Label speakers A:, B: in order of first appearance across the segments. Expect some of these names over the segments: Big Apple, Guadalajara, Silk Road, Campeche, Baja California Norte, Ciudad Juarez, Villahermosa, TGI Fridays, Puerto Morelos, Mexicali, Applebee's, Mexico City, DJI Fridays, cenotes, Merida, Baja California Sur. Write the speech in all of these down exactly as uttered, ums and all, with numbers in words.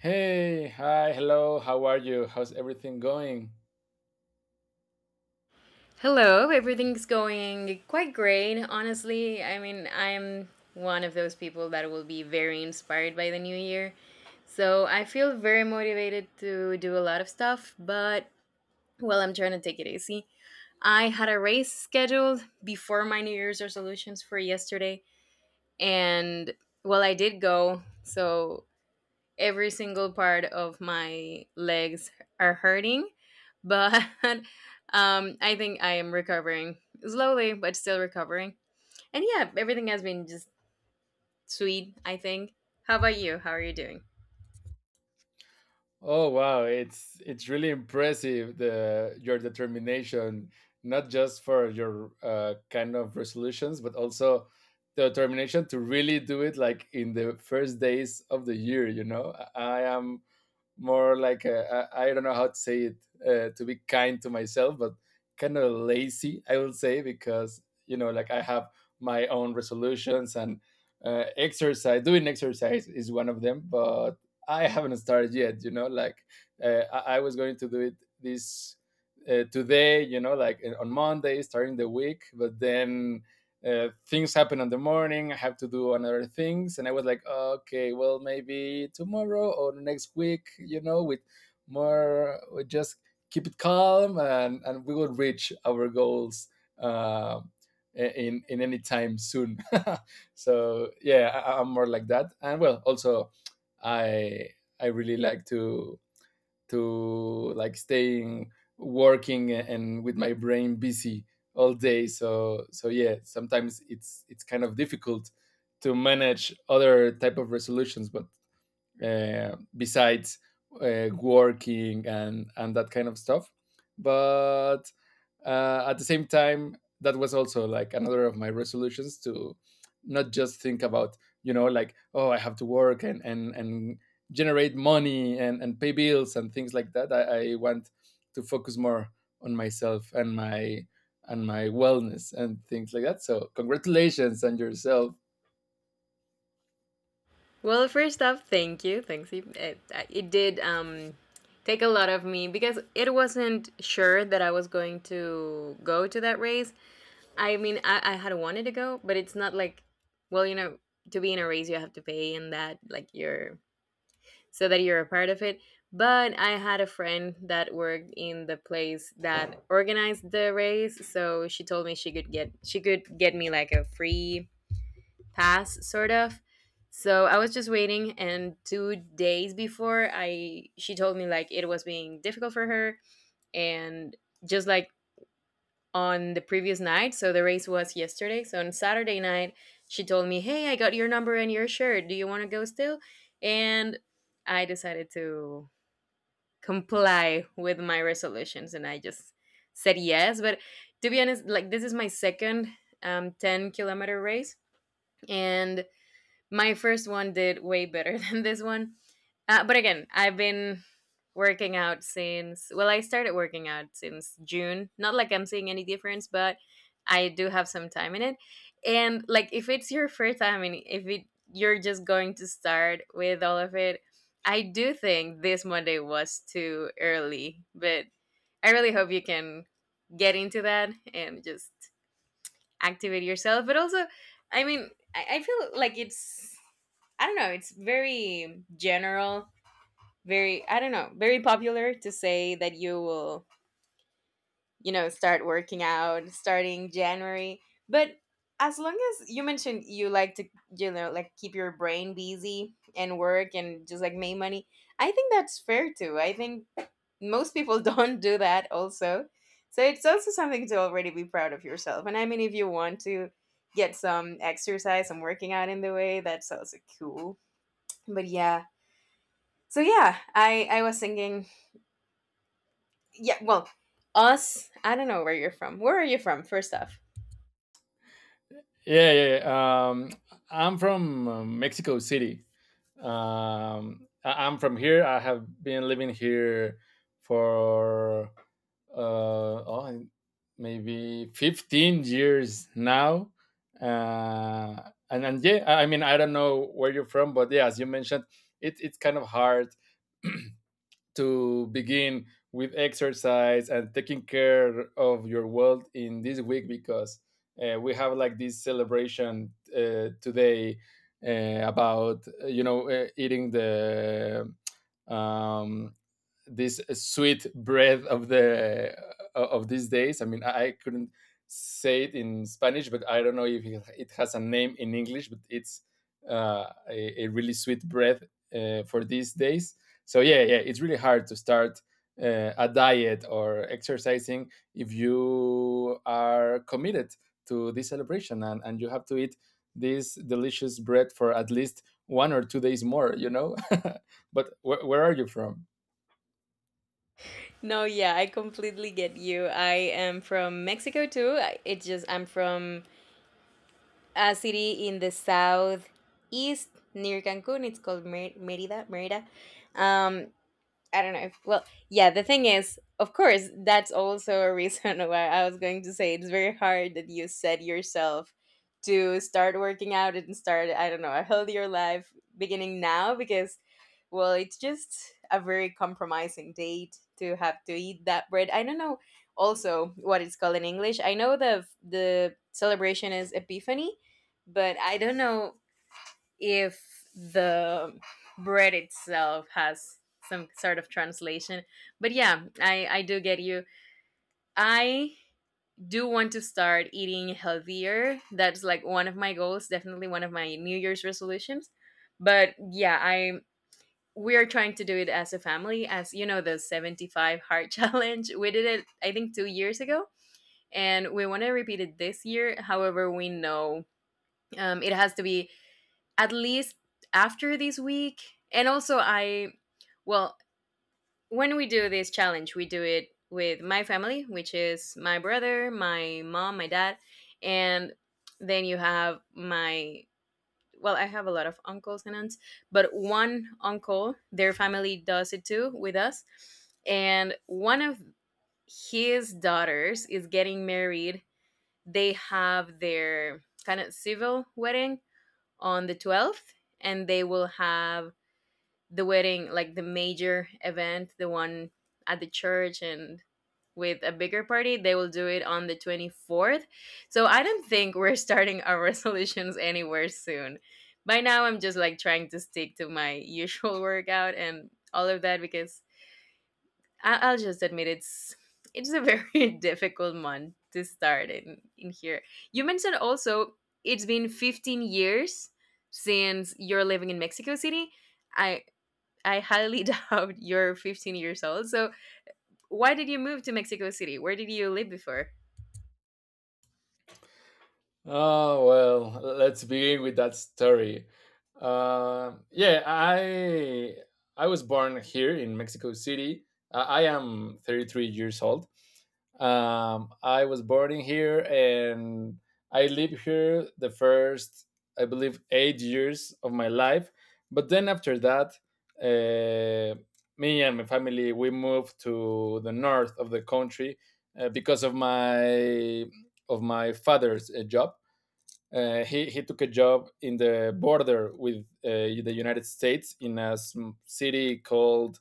A: Hey, hi, hello. How are you? How's everything going?
B: Hello, everything's going quite great, honestly. I mean, I'm one of those people that will be very inspired by the new year. So I feel very motivated to do a lot of stuff, but well, I'm trying to take it easy. I had a race scheduled before my New Year's resolutions for yesterday, and well, I did go. So every single part of my legs are hurting but um I think I am recovering slowly but still recovering. And yeah, everything has been just sweet, I think. How about you? How are you doing?
A: Oh, wow, it's it's really impressive the your determination, not just for your uh, kind of resolutions, but also the determination to really do it like in the first days of the year, you know? I I am more like uh, I I don't know how to say it, uh, to be kind to myself, but kind of lazy, I will say, because you know, like I have my own resolutions and uh, exercise. Doing exercise is one of them, but I haven't started yet. You know, like uh, I, I was going to do it this uh, today. You know, like uh, on Monday, starting the week, but then uh, things happen in the morning. I have to do another things, and I was like, okay, well, maybe tomorrow or next week, you know, with more, we just keep it calm, and and we will reach our goals uh, in in any time soon. So yeah, I, I'm more like that, and well, also, I I really like to to like staying working and with my brain busy all day, so so yeah, sometimes it's it's kind of difficult to manage other type of resolutions, but uh, besides uh, working and and that kind of stuff, but uh, at the same time, that was also like another of my resolutions, to not just think about, you know, like, oh, I have to work, and and and generate money, and and pay bills and things like that. I, I want to focus more on myself and my and my wellness and things like that, so congratulations on yourself.
B: Well, first off, thank you. Thanks you- it, it did um take a lot of me because it wasn't sure that I was going to go to that race. I mean, i, I had wanted to go, but it's not like, well, you know, to be in a race you have to pay and that, like, you're, so that you're a part of it. But I had a friend that worked in the place that organized the race, so she told me she could get she could get me like a free pass, sort of. So I was just waiting, and two days before I she told me like it was being difficult for her, and just like on the previous night, so the race was yesterday. So on Saturday night, she told me, "Hey, I got your number and your shirt. Do you want to go still?" And I decided to comply with my resolutions, and I just said yes. But to be honest, like, this is my second um ten kilometer race, and my first one did way better than this one. Uh, but again, I've been working out since, well, I started working out since June. Not like I'm seeing any difference, but I do have some time in it. And like, if it's your first time and if it, you're just going to start with all of it, I do think this Monday was too early, but I really hope you can get into that and just activate yourself. But also, I mean, i, I feel like it's, I don't know, it's very general, very, I don't know, very popular to say that you will, you know, start working out starting January. But as long as you mentioned you like to, you know, like keep your brain busy and work and just like make money, I think that's fair too. I think most people don't do that also, so it's also something to already be proud of yourself. And I mean, if you want to get some exercise and working out in the way, that's also cool. But yeah, so yeah, i i was thinking, yeah, well, us, I don't know where you're from. Where are you from, first off?
A: Yeah, yeah, yeah. Um, I'm from uh, Mexico City. Um, I- I'm from here. I have been living here for uh, oh, maybe fifteen years now. Uh, and, and yeah, I I mean, I don't know where you're from, but yeah, as you mentioned, it, it's kind of hard to begin with exercise and taking care of your world in this week because uh, we have like this celebration uh, today, uh, about, uh, you know, uh, eating the, um, this sweet breath of the uh, of these days. I mean, I couldn't say it in Spanish, but I don't know if it has a name in English. But it's uh, a, a really sweet breath uh, for these days. So yeah, yeah, it's really hard to start uh, a diet or exercising if you are committed to this celebration, and, and you have to eat this delicious bread for at least one or two days more, you know. But wh- where are you from?
B: No, yeah, I completely get you. I am from Mexico too. I- it's just I'm from a city in the south east near Cancun. It's called Mer- merida Merida. Um, I don't know if, well, yeah, the thing is, of course, that's also a reason why I was going to say it's very hard that you set yourself to start working out and start, I don't know, a healthier life beginning now, because, well, it's just a very compromising date to have to eat that bread. I don't know also what it's called in English. I know the the celebration is Epiphany, but I don't know if the bread itself has some sort of translation. But yeah, I, I do get you. I do want to start eating healthier. That's like one of my goals, definitely one of my New Year's resolutions. But yeah, I, we are trying to do it as a family, as you know, the seventy-five heart challenge. We did it, I think, two years ago, and we want to repeat it this year. However, we know um, it has to be at least after this week. And also, I, well, when we do this challenge, we do it with my family, which is my brother, my mom, my dad, and then you have my, well, I have a lot of uncles and aunts, but one uncle, their family does it too with us. And one of his daughters is getting married. They have their kind of civil wedding on the twelfth, and they will have the wedding, like the major event, the one at the church and with a bigger party, they will do it on the twenty-fourth. So I don't think we're starting our resolutions anywhere soon. By now I'm just like trying to stick to my usual workout and all of that, because I- I'll just admit it's it's a very difficult month to start in in here. You mentioned also it's been fifteen years since you're living in Mexico City. I I highly doubt you're fifteen years old. So why did you move to Mexico City? Where did you live before?
A: Oh, well, let's begin with that story. Um yeah, I I was born here in Mexico City. Uh, I am thirty-three years old. Um, I was born in here, and I lived here the first, I believe, eight years of my life. But then after that, uh, me and my family, we moved to the north of the country uh, because of my of my father's uh, job. Uh, he, he took a job in the border with uh, the United States, in a city called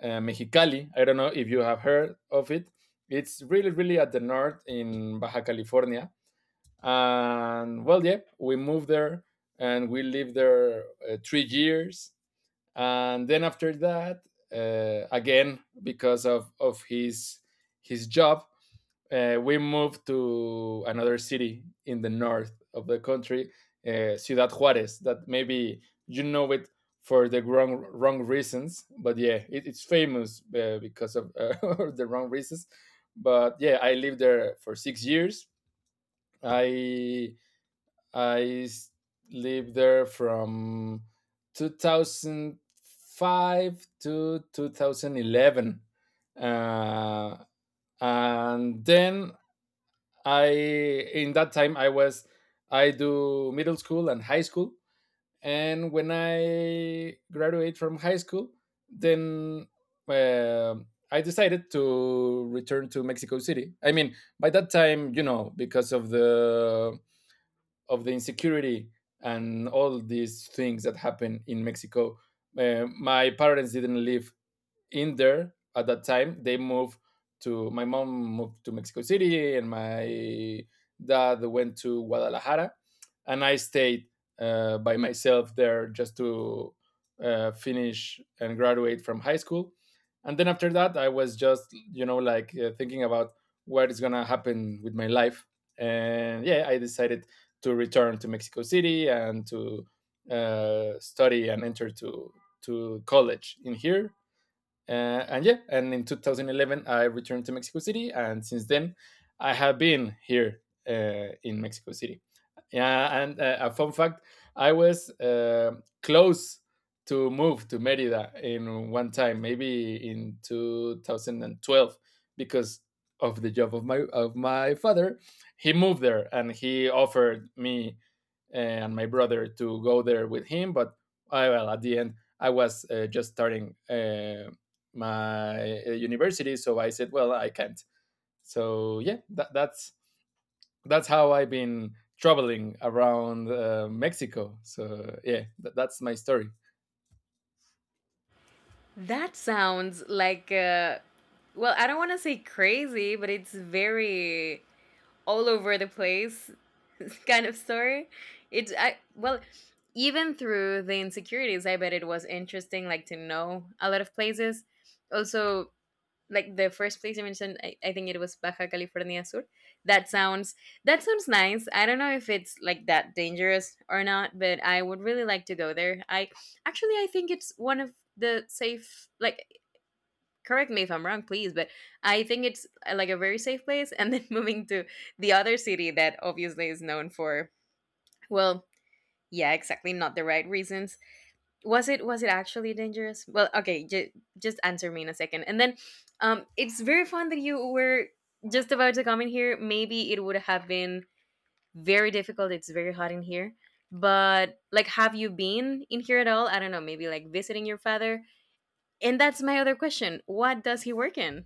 A: uh, Mexicali. I don't know if you have heard of it. It's really, really at the north, in Baja California. And well, yeah, we moved there, and we lived there uh, three years. And then after that, uh, again, because of, of his his job, uh, we moved to another city in the north of the country, uh, Ciudad Juarez, that maybe you know it for the wrong wrong reasons. But yeah, it, it's famous uh, because of, uh, the wrong reasons. But yeah, I lived there for six years. I I s- lived there from two thousand five to two thousand eleven uh, and then I in that time I was, I do middle school and high school, and when I graduate from high school, then uh, I decided to return to Mexico City. I mean, by that time, you know, because of the of the insecurity and all these things that happen in Mexico, uh, my parents didn't live in there at that time. They moved to my mom moved to Mexico City, and my dad went to Guadalajara, and I stayed uh, by myself there, just to uh, finish and graduate from high school. And then after that, I was just, you know, like, uh, thinking about what is going to happen with my life. And yeah, I decided to return to Mexico City, and to uh, study and enter to to college in here. Uh, and yeah, and in two thousand eleven, I returned to Mexico City, and since then, I have been here uh, in Mexico City. Yeah. And uh, a fun fact: I was uh, close to move to Merida in one time, maybe in two thousand twelve, because of the job of my of my father. He moved there, and he offered me uh, and my brother to go there with him, but I, well, at the end I was uh, just starting uh, my uh, university, so I said, well, I can't. So yeah, that, that's that's how I've been traveling around uh, Mexico. So yeah, that, that's my story.
B: That sounds like uh well, I don't want to say crazy, but it's very all over the place kind of story. It I Well, even through the insecurities, I bet it was interesting, like to know a lot of places. Also, like the first place you mentioned, I, I think it was Baja California Sur. That sounds, that sounds nice. I don't know if it's like that dangerous or not, but I would really like to go there. I, actually I think it's one of the safe, like, correct me if I'm wrong, please, but I think it's uh, like a very safe place. And then moving to the other city that obviously is known for, well, yeah, exactly, not the right reasons. Was it was it actually dangerous? Well, okay, j- just answer me in a second. And then, um, it's very fun that you were just about to come in here. Maybe it would have been very difficult. It's very hot in here. But like, have you been in here at all? I don't know. Maybe like visiting your father. And that's my other question. What does he work in?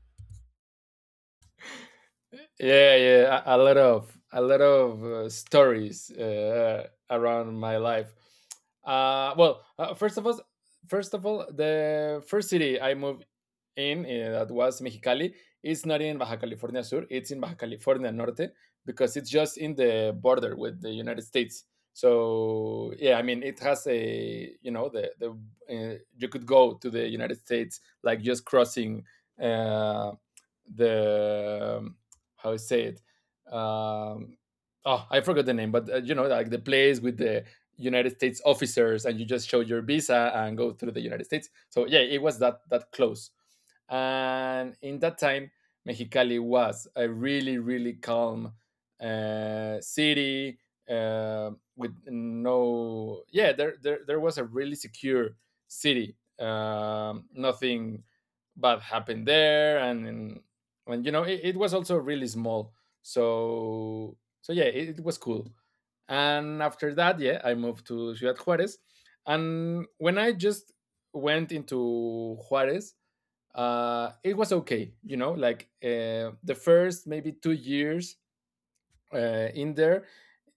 A: Yeah, yeah, a, a lot of, a lot of uh, stories uh, around my life. Uh, well, uh, first of all first of all, the first city I moved in, uh, that was Mexicali. It's not in Baja California Sur. It's in Baja California Norte, because it's just in the border with the United States. So yeah, I mean, it has a, you know, the the uh, you could go to the United States like just crossing uh, the, um, how I say it. Um, oh, I forgot the name, but uh, you know, like the place with the United States officers, and you just show your visa and go through the United States. So yeah, it was that that close. And in that time, Mexicali was a really, really calm uh, city, uh, with no, yeah, there, there, there was a really secure city. Um, nothing bad happened there. And, and and, you know, it, it was also really small. So, so yeah, it, it was cool. And after that, yeah, I moved to Ciudad Juarez. And when I just went into Juarez, uh, it was okay. You know, like, uh, the first maybe two years uh, in there,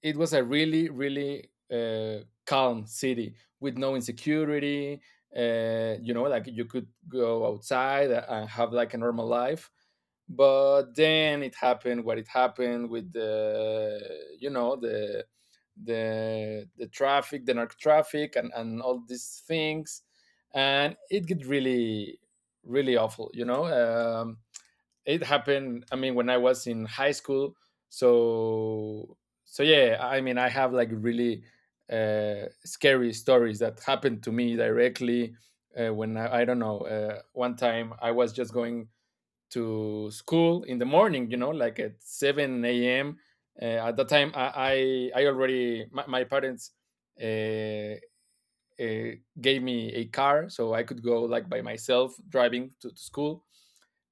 A: it was a really, really uh, calm city with no insecurity. Uh, you know, like you could go outside and have like a normal life. But then it happened what it happened with the, you know, the the the traffic, the narc traffic, and and all these things, and it get really, really awful. You know, um, it happened, I mean, when I was in high school. so so yeah, I mean, I have like really uh, scary stories that happened to me directly. Uh, when, I, I don't know, uh, one time I was just going to school in the morning, you know, like at seven a m a.m, uh, at that time i i, I already, my, my parents uh, uh, gave me a car so I could go like by myself driving to, to school.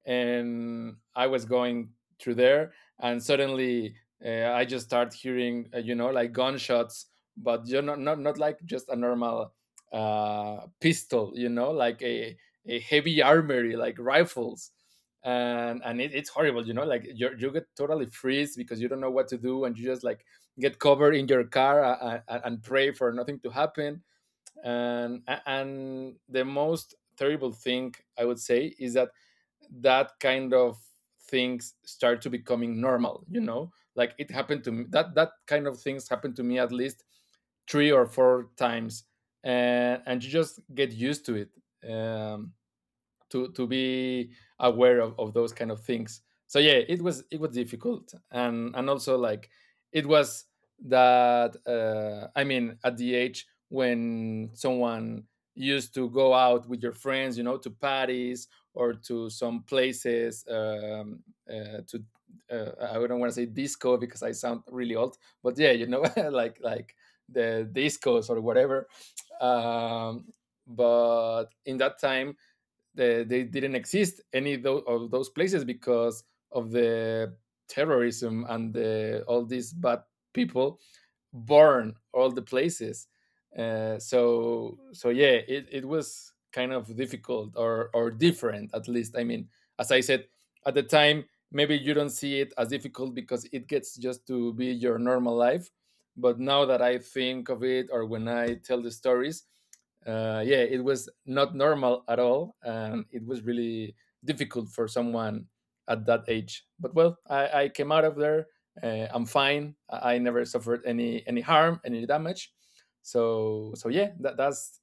A: And I was going through there, and suddenly, uh, I just start hearing, uh, you know, like gunshots, but you know, not not like just a normal uh, pistol, you know, like a a heavy armory, like rifles, and and it, it's horrible, you know, like you you get totally freeze because you don't know what to do, and you just like get covered in your car uh, uh, and pray for nothing to happen. And and the most terrible thing I would say is that that kind of things start to becoming normal, you know, like it happened to me, that that kind of things happened to me at least three or four times, and and you just get used to it, um to to be aware of, of those kind of things. So yeah, it was it was difficult, and and also, like, it was that, uh, I mean, at the age when someone used to go out with your friends, you know, to parties or to some places, um, uh, to uh, I don't want to say disco because I sound really old, but yeah, you know, like, like the discos or whatever, um, but in that time, they, they didn't exist, any of those places, because of the terrorism and the, all these bad people burn all the places. Uh, so so yeah, it, it was kind of difficult or, or different, at least, I mean, as I said, at the time maybe you don't see it as difficult because it gets just to be your normal life, but now that I think of it, or when I tell the stories, uh, yeah, it was not normal at all, and it was really difficult for someone at that age. But well, I, I came out of there. Uh, I'm fine. I, I never suffered any any harm, any damage. So so yeah, that, that's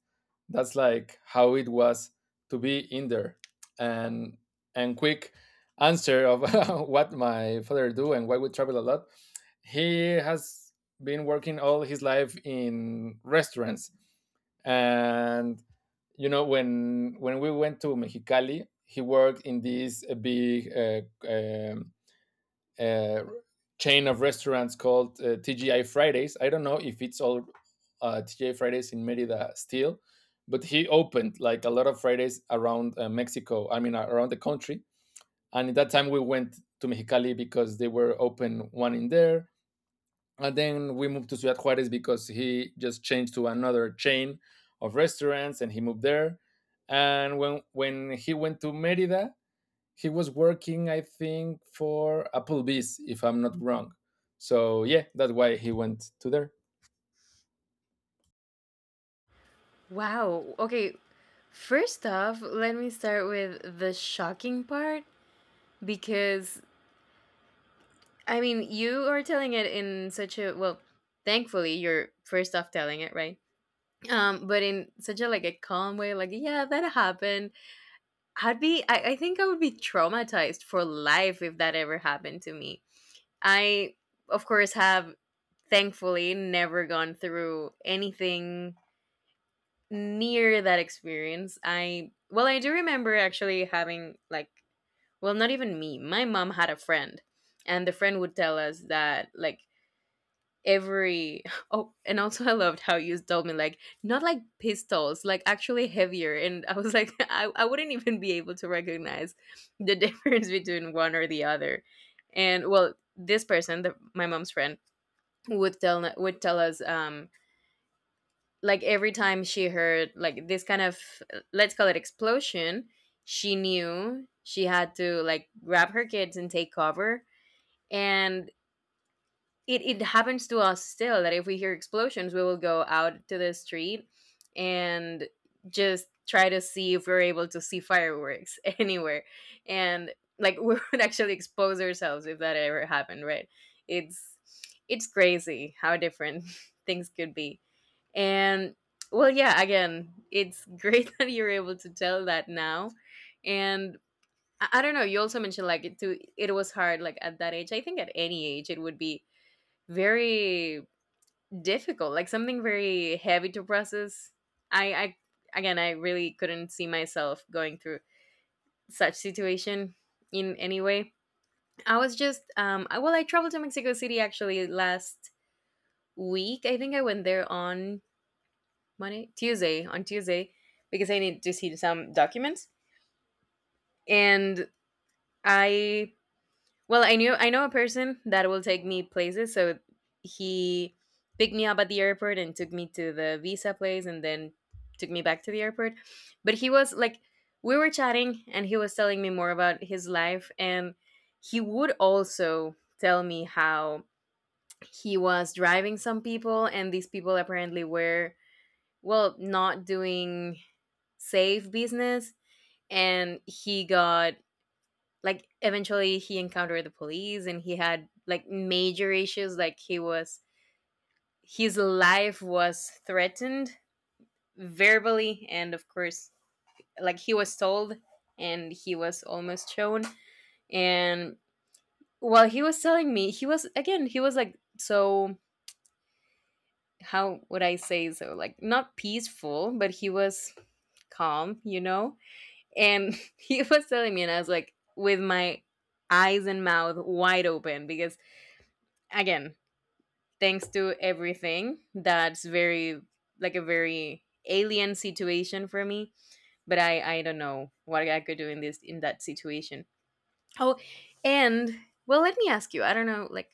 A: that's like how it was to be in there. And and quick answer of what my father do and why we travel a lot. He has been working all his life in restaurants. And you know when when we went to Mexicali, he worked in this uh, big uh, um, uh, chain of restaurants called uh, TGI Fridays. I don't know if it's all uh, TGI Fridays in Merida still, but he opened like a lot of Fridays around uh, Mexico, I mean uh, around the country. And at that time we went to Mexicali because they were open one in there, and then we moved to Ciudad Juarez because he just changed to another chain of restaurants and he moved there. And when when he went to Merida, he was working, I think, for Applebee's, if I'm not wrong. So yeah, that's why he went to there.
B: Wow. Okay. First off, let me start with the shocking part, because I mean, you are telling it in such a, well, thankfully you're first off telling it, right? Um, but in such a, like a calm way, like, yeah, that happened. I'd be I, I think I would be traumatized for life if that ever happened to me. I, of course, have thankfully never gone through anything near that experience. I, well, I do remember actually having like, well, not even me. My mom had a friend, and the friend would tell us that like every oh, and also I loved how you told me like not like pistols, like actually heavier, and I was like I, I wouldn't even be able to recognize the difference between one or the other, and well, this person, the, my mom's friend, would tell would tell us um like every time she heard like this kind of, let's call it, explosion, she knew she had to like grab her kids and take cover. And it, it happens to us still that if we hear explosions we will go out to the street and just try to see if we're able to see fireworks anywhere. And like we would actually expose ourselves if that ever happened, right? it's it's crazy how different things could be. And well, yeah, again, it's great that you're able to tell that now. And I, I don't know, you also mentioned like it too, it was hard like at that age. I think at any age it would be very difficult, like something very heavy to process. I, I Again, I really couldn't see myself going through such situation in any way. I was just um I, well, I traveled to Mexico City actually last week. I think I went there on Monday, Tuesday, on Tuesday, because I need to see some documents. And I, well, I knew I know a person that will take me places. So he picked me up at the airport and took me to the visa place, and then took me back to the airport. But he was like, we were chatting, and he was telling me more about his life, and he would also tell me how he was driving some people, and these people apparently were well not doing safe business, and he got, like, eventually he encountered the police and he had, like, major issues. Like, he was, his life was threatened verbally, and of course, like, he was told, and he was almost shown. And while he was telling me, he was, again, he was like, so how would I say, so like not peaceful, but he was calm, you know And he was telling me, and I was like, with my eyes and mouth wide open, because, again, thanks to everything, that's very, like a very alien situation for me. But I, I don't know what I could do in this, in that situation. Oh, and well, let me ask you, I don't know, like,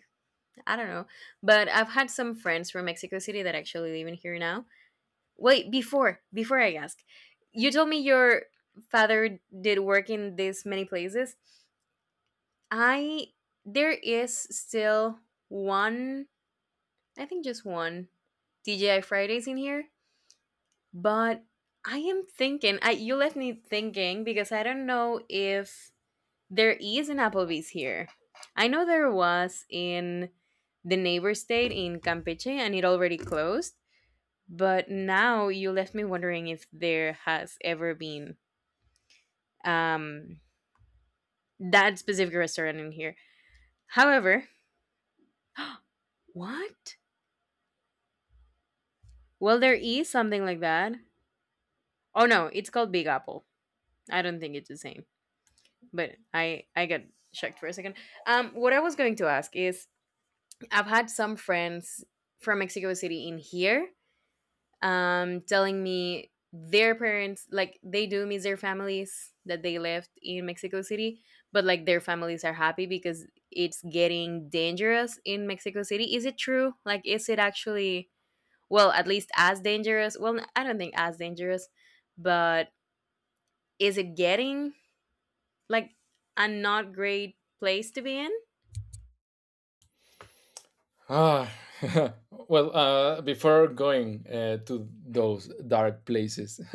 B: I don't know, but I've had some friends from Mexico City that actually live in here now. Wait, before, before I ask, you told me your father did work in this many places. I there is still one, I think just one D J I Fridays in here, but I am thinking. I you left me thinking because I don't know if there is an Applebee's here. I know there was in the neighbor state in Campeche, and it already closed. But now you left me wondering if there has ever been um that specific restaurant in here. However, what? Well, there is something like that. Oh no, it's called Big Apple. I don't think it's the same, but I I got shocked for a second. Um, what I was going to ask is, I've had some friends from Mexico City in here, um, telling me their parents, like, they do miss their families that they left in Mexico City, but like their families are happy because it's getting dangerous in Mexico City. Is it true? Like, is it actually? Well, at least as dangerous, well, I don't think as dangerous, but is it getting like a not great place to be in?
A: Ah, well, uh, before going uh, to those dark places,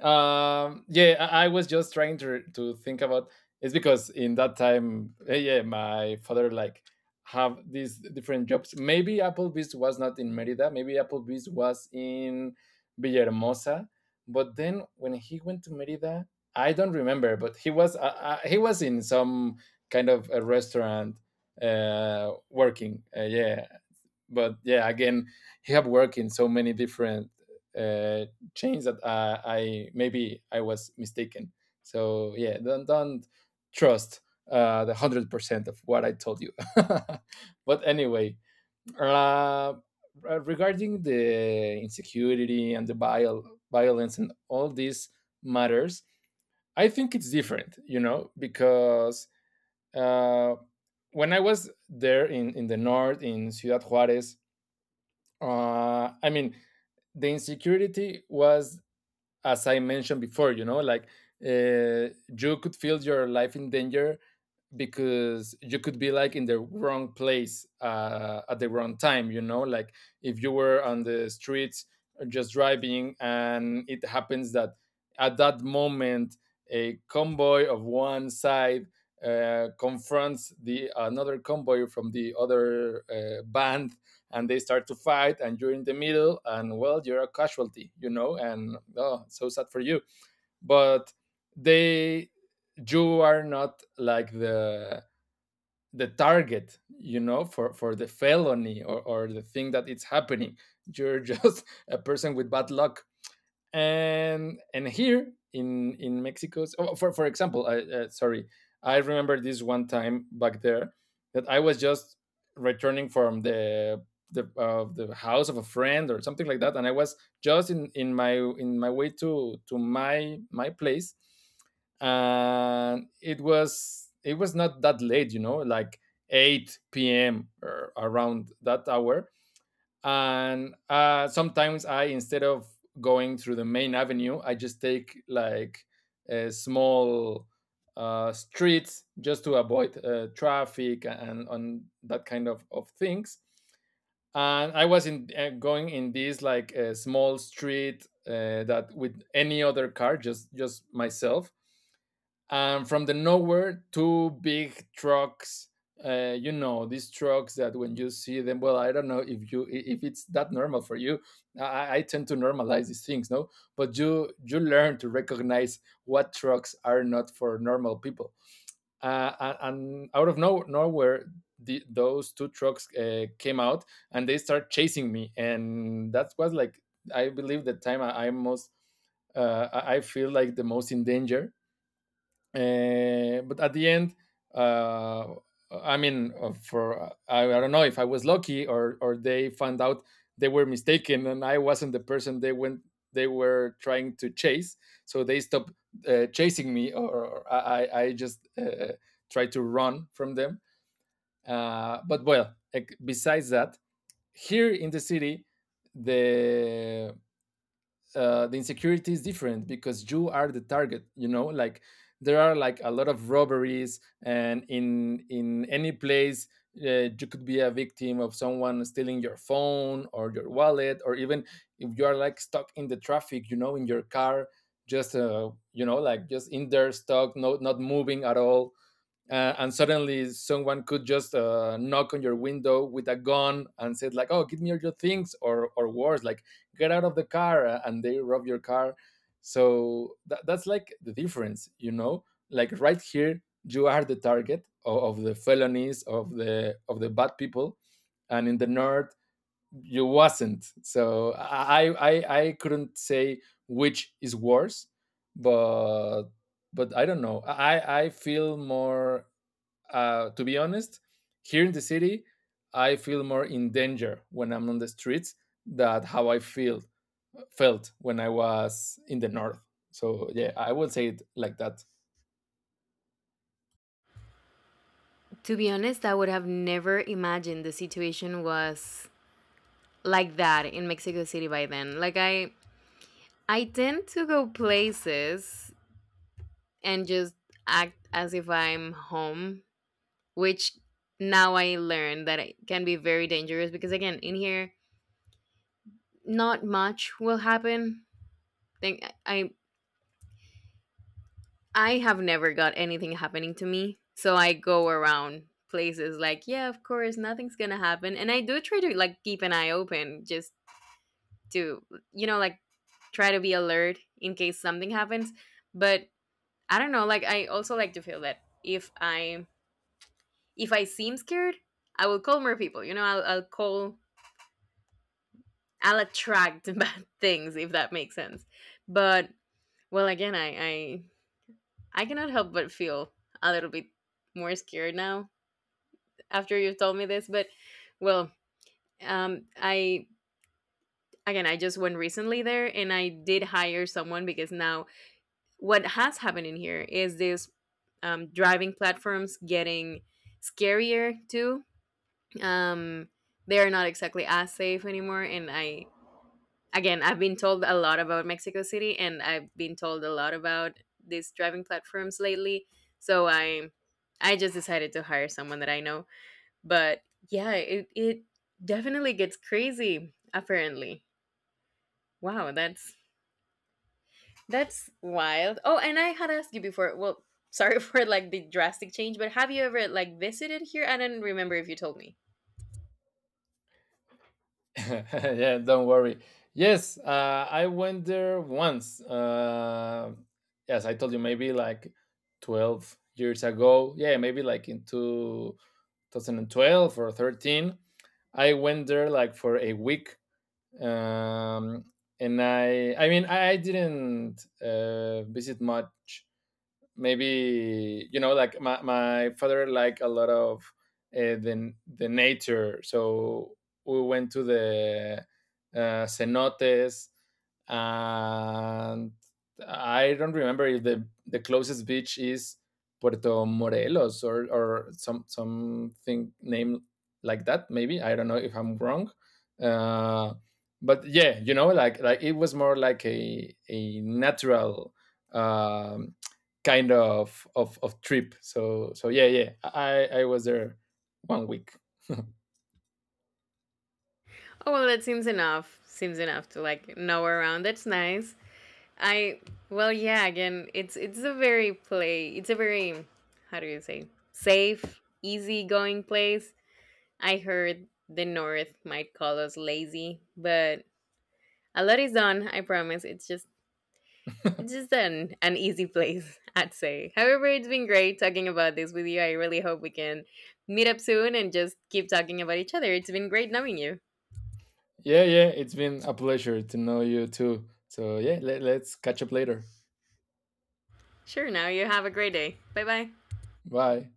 A: um, yeah, I, I was just trying to to think about. It's because in that time, eh, yeah, my father like have these different jobs. Maybe Applebee's was not in Merida. Maybe Applebee's was in Villahermosa. But then when he went to Merida, I don't remember. But he was uh, uh, he was in some kind of a restaurant uh working, uh, yeah. But yeah, again, he have worked in so many different uh, chains that uh, I, maybe I was mistaken. So yeah, don't don't trust uh, the hundred percent of what I told you. But anyway, uh, regarding the insecurity and the viol- violence and all these matters, I think it's different, you know, because uh, when I was there in, in the north, in Ciudad Juarez, uh, I mean, the insecurity was, as I mentioned before, you know, like uh, you could feel your life in danger because you could be like in the wrong place uh, at the wrong time, you know, like if you were on the streets uh, just driving and it happens that at that moment a convoy of one side uh, confronts the another convoy from the other uh, band, and they start to fight and you're in the middle, and well, you're a casualty, you know, and oh, so sad for you. But they, you are not like the the target, you know, for for the felony or, or the thing that it's happening. You're just a person with bad luck. And and here in in Mexico, oh, for for example, I, uh, sorry, I remember this one time back there that I was just returning from the the uh, the house of a friend or something like that, and I was just in in my in my way to to my my place, and it was it was not that late, you know, like eight p m or around that hour. And uh, sometimes i, instead of going through the main avenue, I just take like a small uh, streets just to avoid uh, traffic and on that kind of, of things. And I was in uh, going in this like a small street uh, that with any other car, just just myself. And from the nowhere two big trucks, uh, you know, these trucks that when you see them, well, I don't know if you, if it's that normal for you. i, I tend to normalize these things, no, but you you learn to recognize what trucks are not for normal people. Uh, a- and out of no, nowhere, the, those two trucks uh, came out and they start chasing me, and that was like I believe the time i, I most uh, I I feel like the most in danger. Uh, but at the end, uh, I mean, uh, for I, I don't know if I was lucky, or or they found out they were mistaken and I wasn't the person they went they were trying to chase. So they stopped uh, chasing me, or, or I I just uh, tried to run from them. Uh, but well, like, besides that, here in the city, the uh, the insecurity is different because you are the target, you know, like there are like a lot of robberies, and in in any place uh, you could be a victim of someone stealing your phone or your wallet. Or even if you are like stuck in the traffic, you know, in your car, just uh, you know, like just in there stuck, no, not moving at all. Uh, and suddenly someone could just uh, knock on your window with a gun and said like, oh, give me your things, or or worse, like, get out of the car, uh, and they rob your car. So tha- that's like the difference, you know, like right here you are the target of, of the felonies of the of the bad people. And in the north you wasn't. So i i i couldn't say which is worse, but but I don't know, i i feel more, uh, to be honest, here in the city, I feel more in danger when I'm on the streets than how I feel felt when I was in the north. So yeah, I would say it like that.
B: To be honest, I would have never imagined the situation was like that in Mexico City by then. Like, i i tend to go places and just act as if I'm home, which now I learn that it can be very dangerous, because, again, in here not much will happen. Think i I have never got anything happening to me. So I go around places like, yeah, of course, nothing's going to happen. And I do try to, like, keep an eye open just to, you know, like, try to be alert in case something happens. But I don't know, like, I also like to feel that if I, if I seem scared, I will call more people. You know, I'll I'll call, I'll attract bad things, if that makes sense. But well, again, I I I cannot help but feel a little bit more scared now after you've told me this, but well, um, I, again, I just went recently there and I did hire someone, because now what has happened in here is this, um, driving platforms getting scarier too. Um, they're not exactly as safe anymore, and I, again, I've been told a lot about Mexico City, and I've been told a lot about these driving platforms lately. So I, I just decided to hire someone that I know. But yeah, it it definitely gets crazy apparently. Wow, that's that's wild. Oh, and I had asked you before. Well, sorry, for like the drastic change, but have you ever like visited here? I don't remember if you told me.
A: Yeah, don't worry. Yes, uh, I went there once. Uh, yes, I told you maybe like twelve years ago. Yeah, maybe like in two thousand twelve or thirteen. I went there like for a week. um, and I I mean I, didn't uh, visit much. Maybe you know like my, my father liked a lot of uh, the the nature, so we went to the uh, cenotes. And I don't remember if the the closest beach is Puerto Morelos or or some something named like that, maybe. I don't know if I'm wrong. uh, but yeah, you know, like like it was more like a a natural um kind of of, of trip. So so yeah, yeah, I I was there one week.
B: Oh, well, that seems enough. Seems enough to like know around. That's nice. I, well, yeah, again, it's it's a very play. It's a very, how do you say? Safe, easy going place. I heard the north might call us lazy, but a lot is done, I promise. It's just it's just an, an easy place, I'd say. However, it's been great talking about this with you. I really hope we can meet up soon and just keep talking about each other. It's been great knowing you.
A: Yeah, yeah, it's been a pleasure to know you too. So yeah, let, let's catch up later.
B: Sure, now you have a great day. Bye bye.
A: Bye.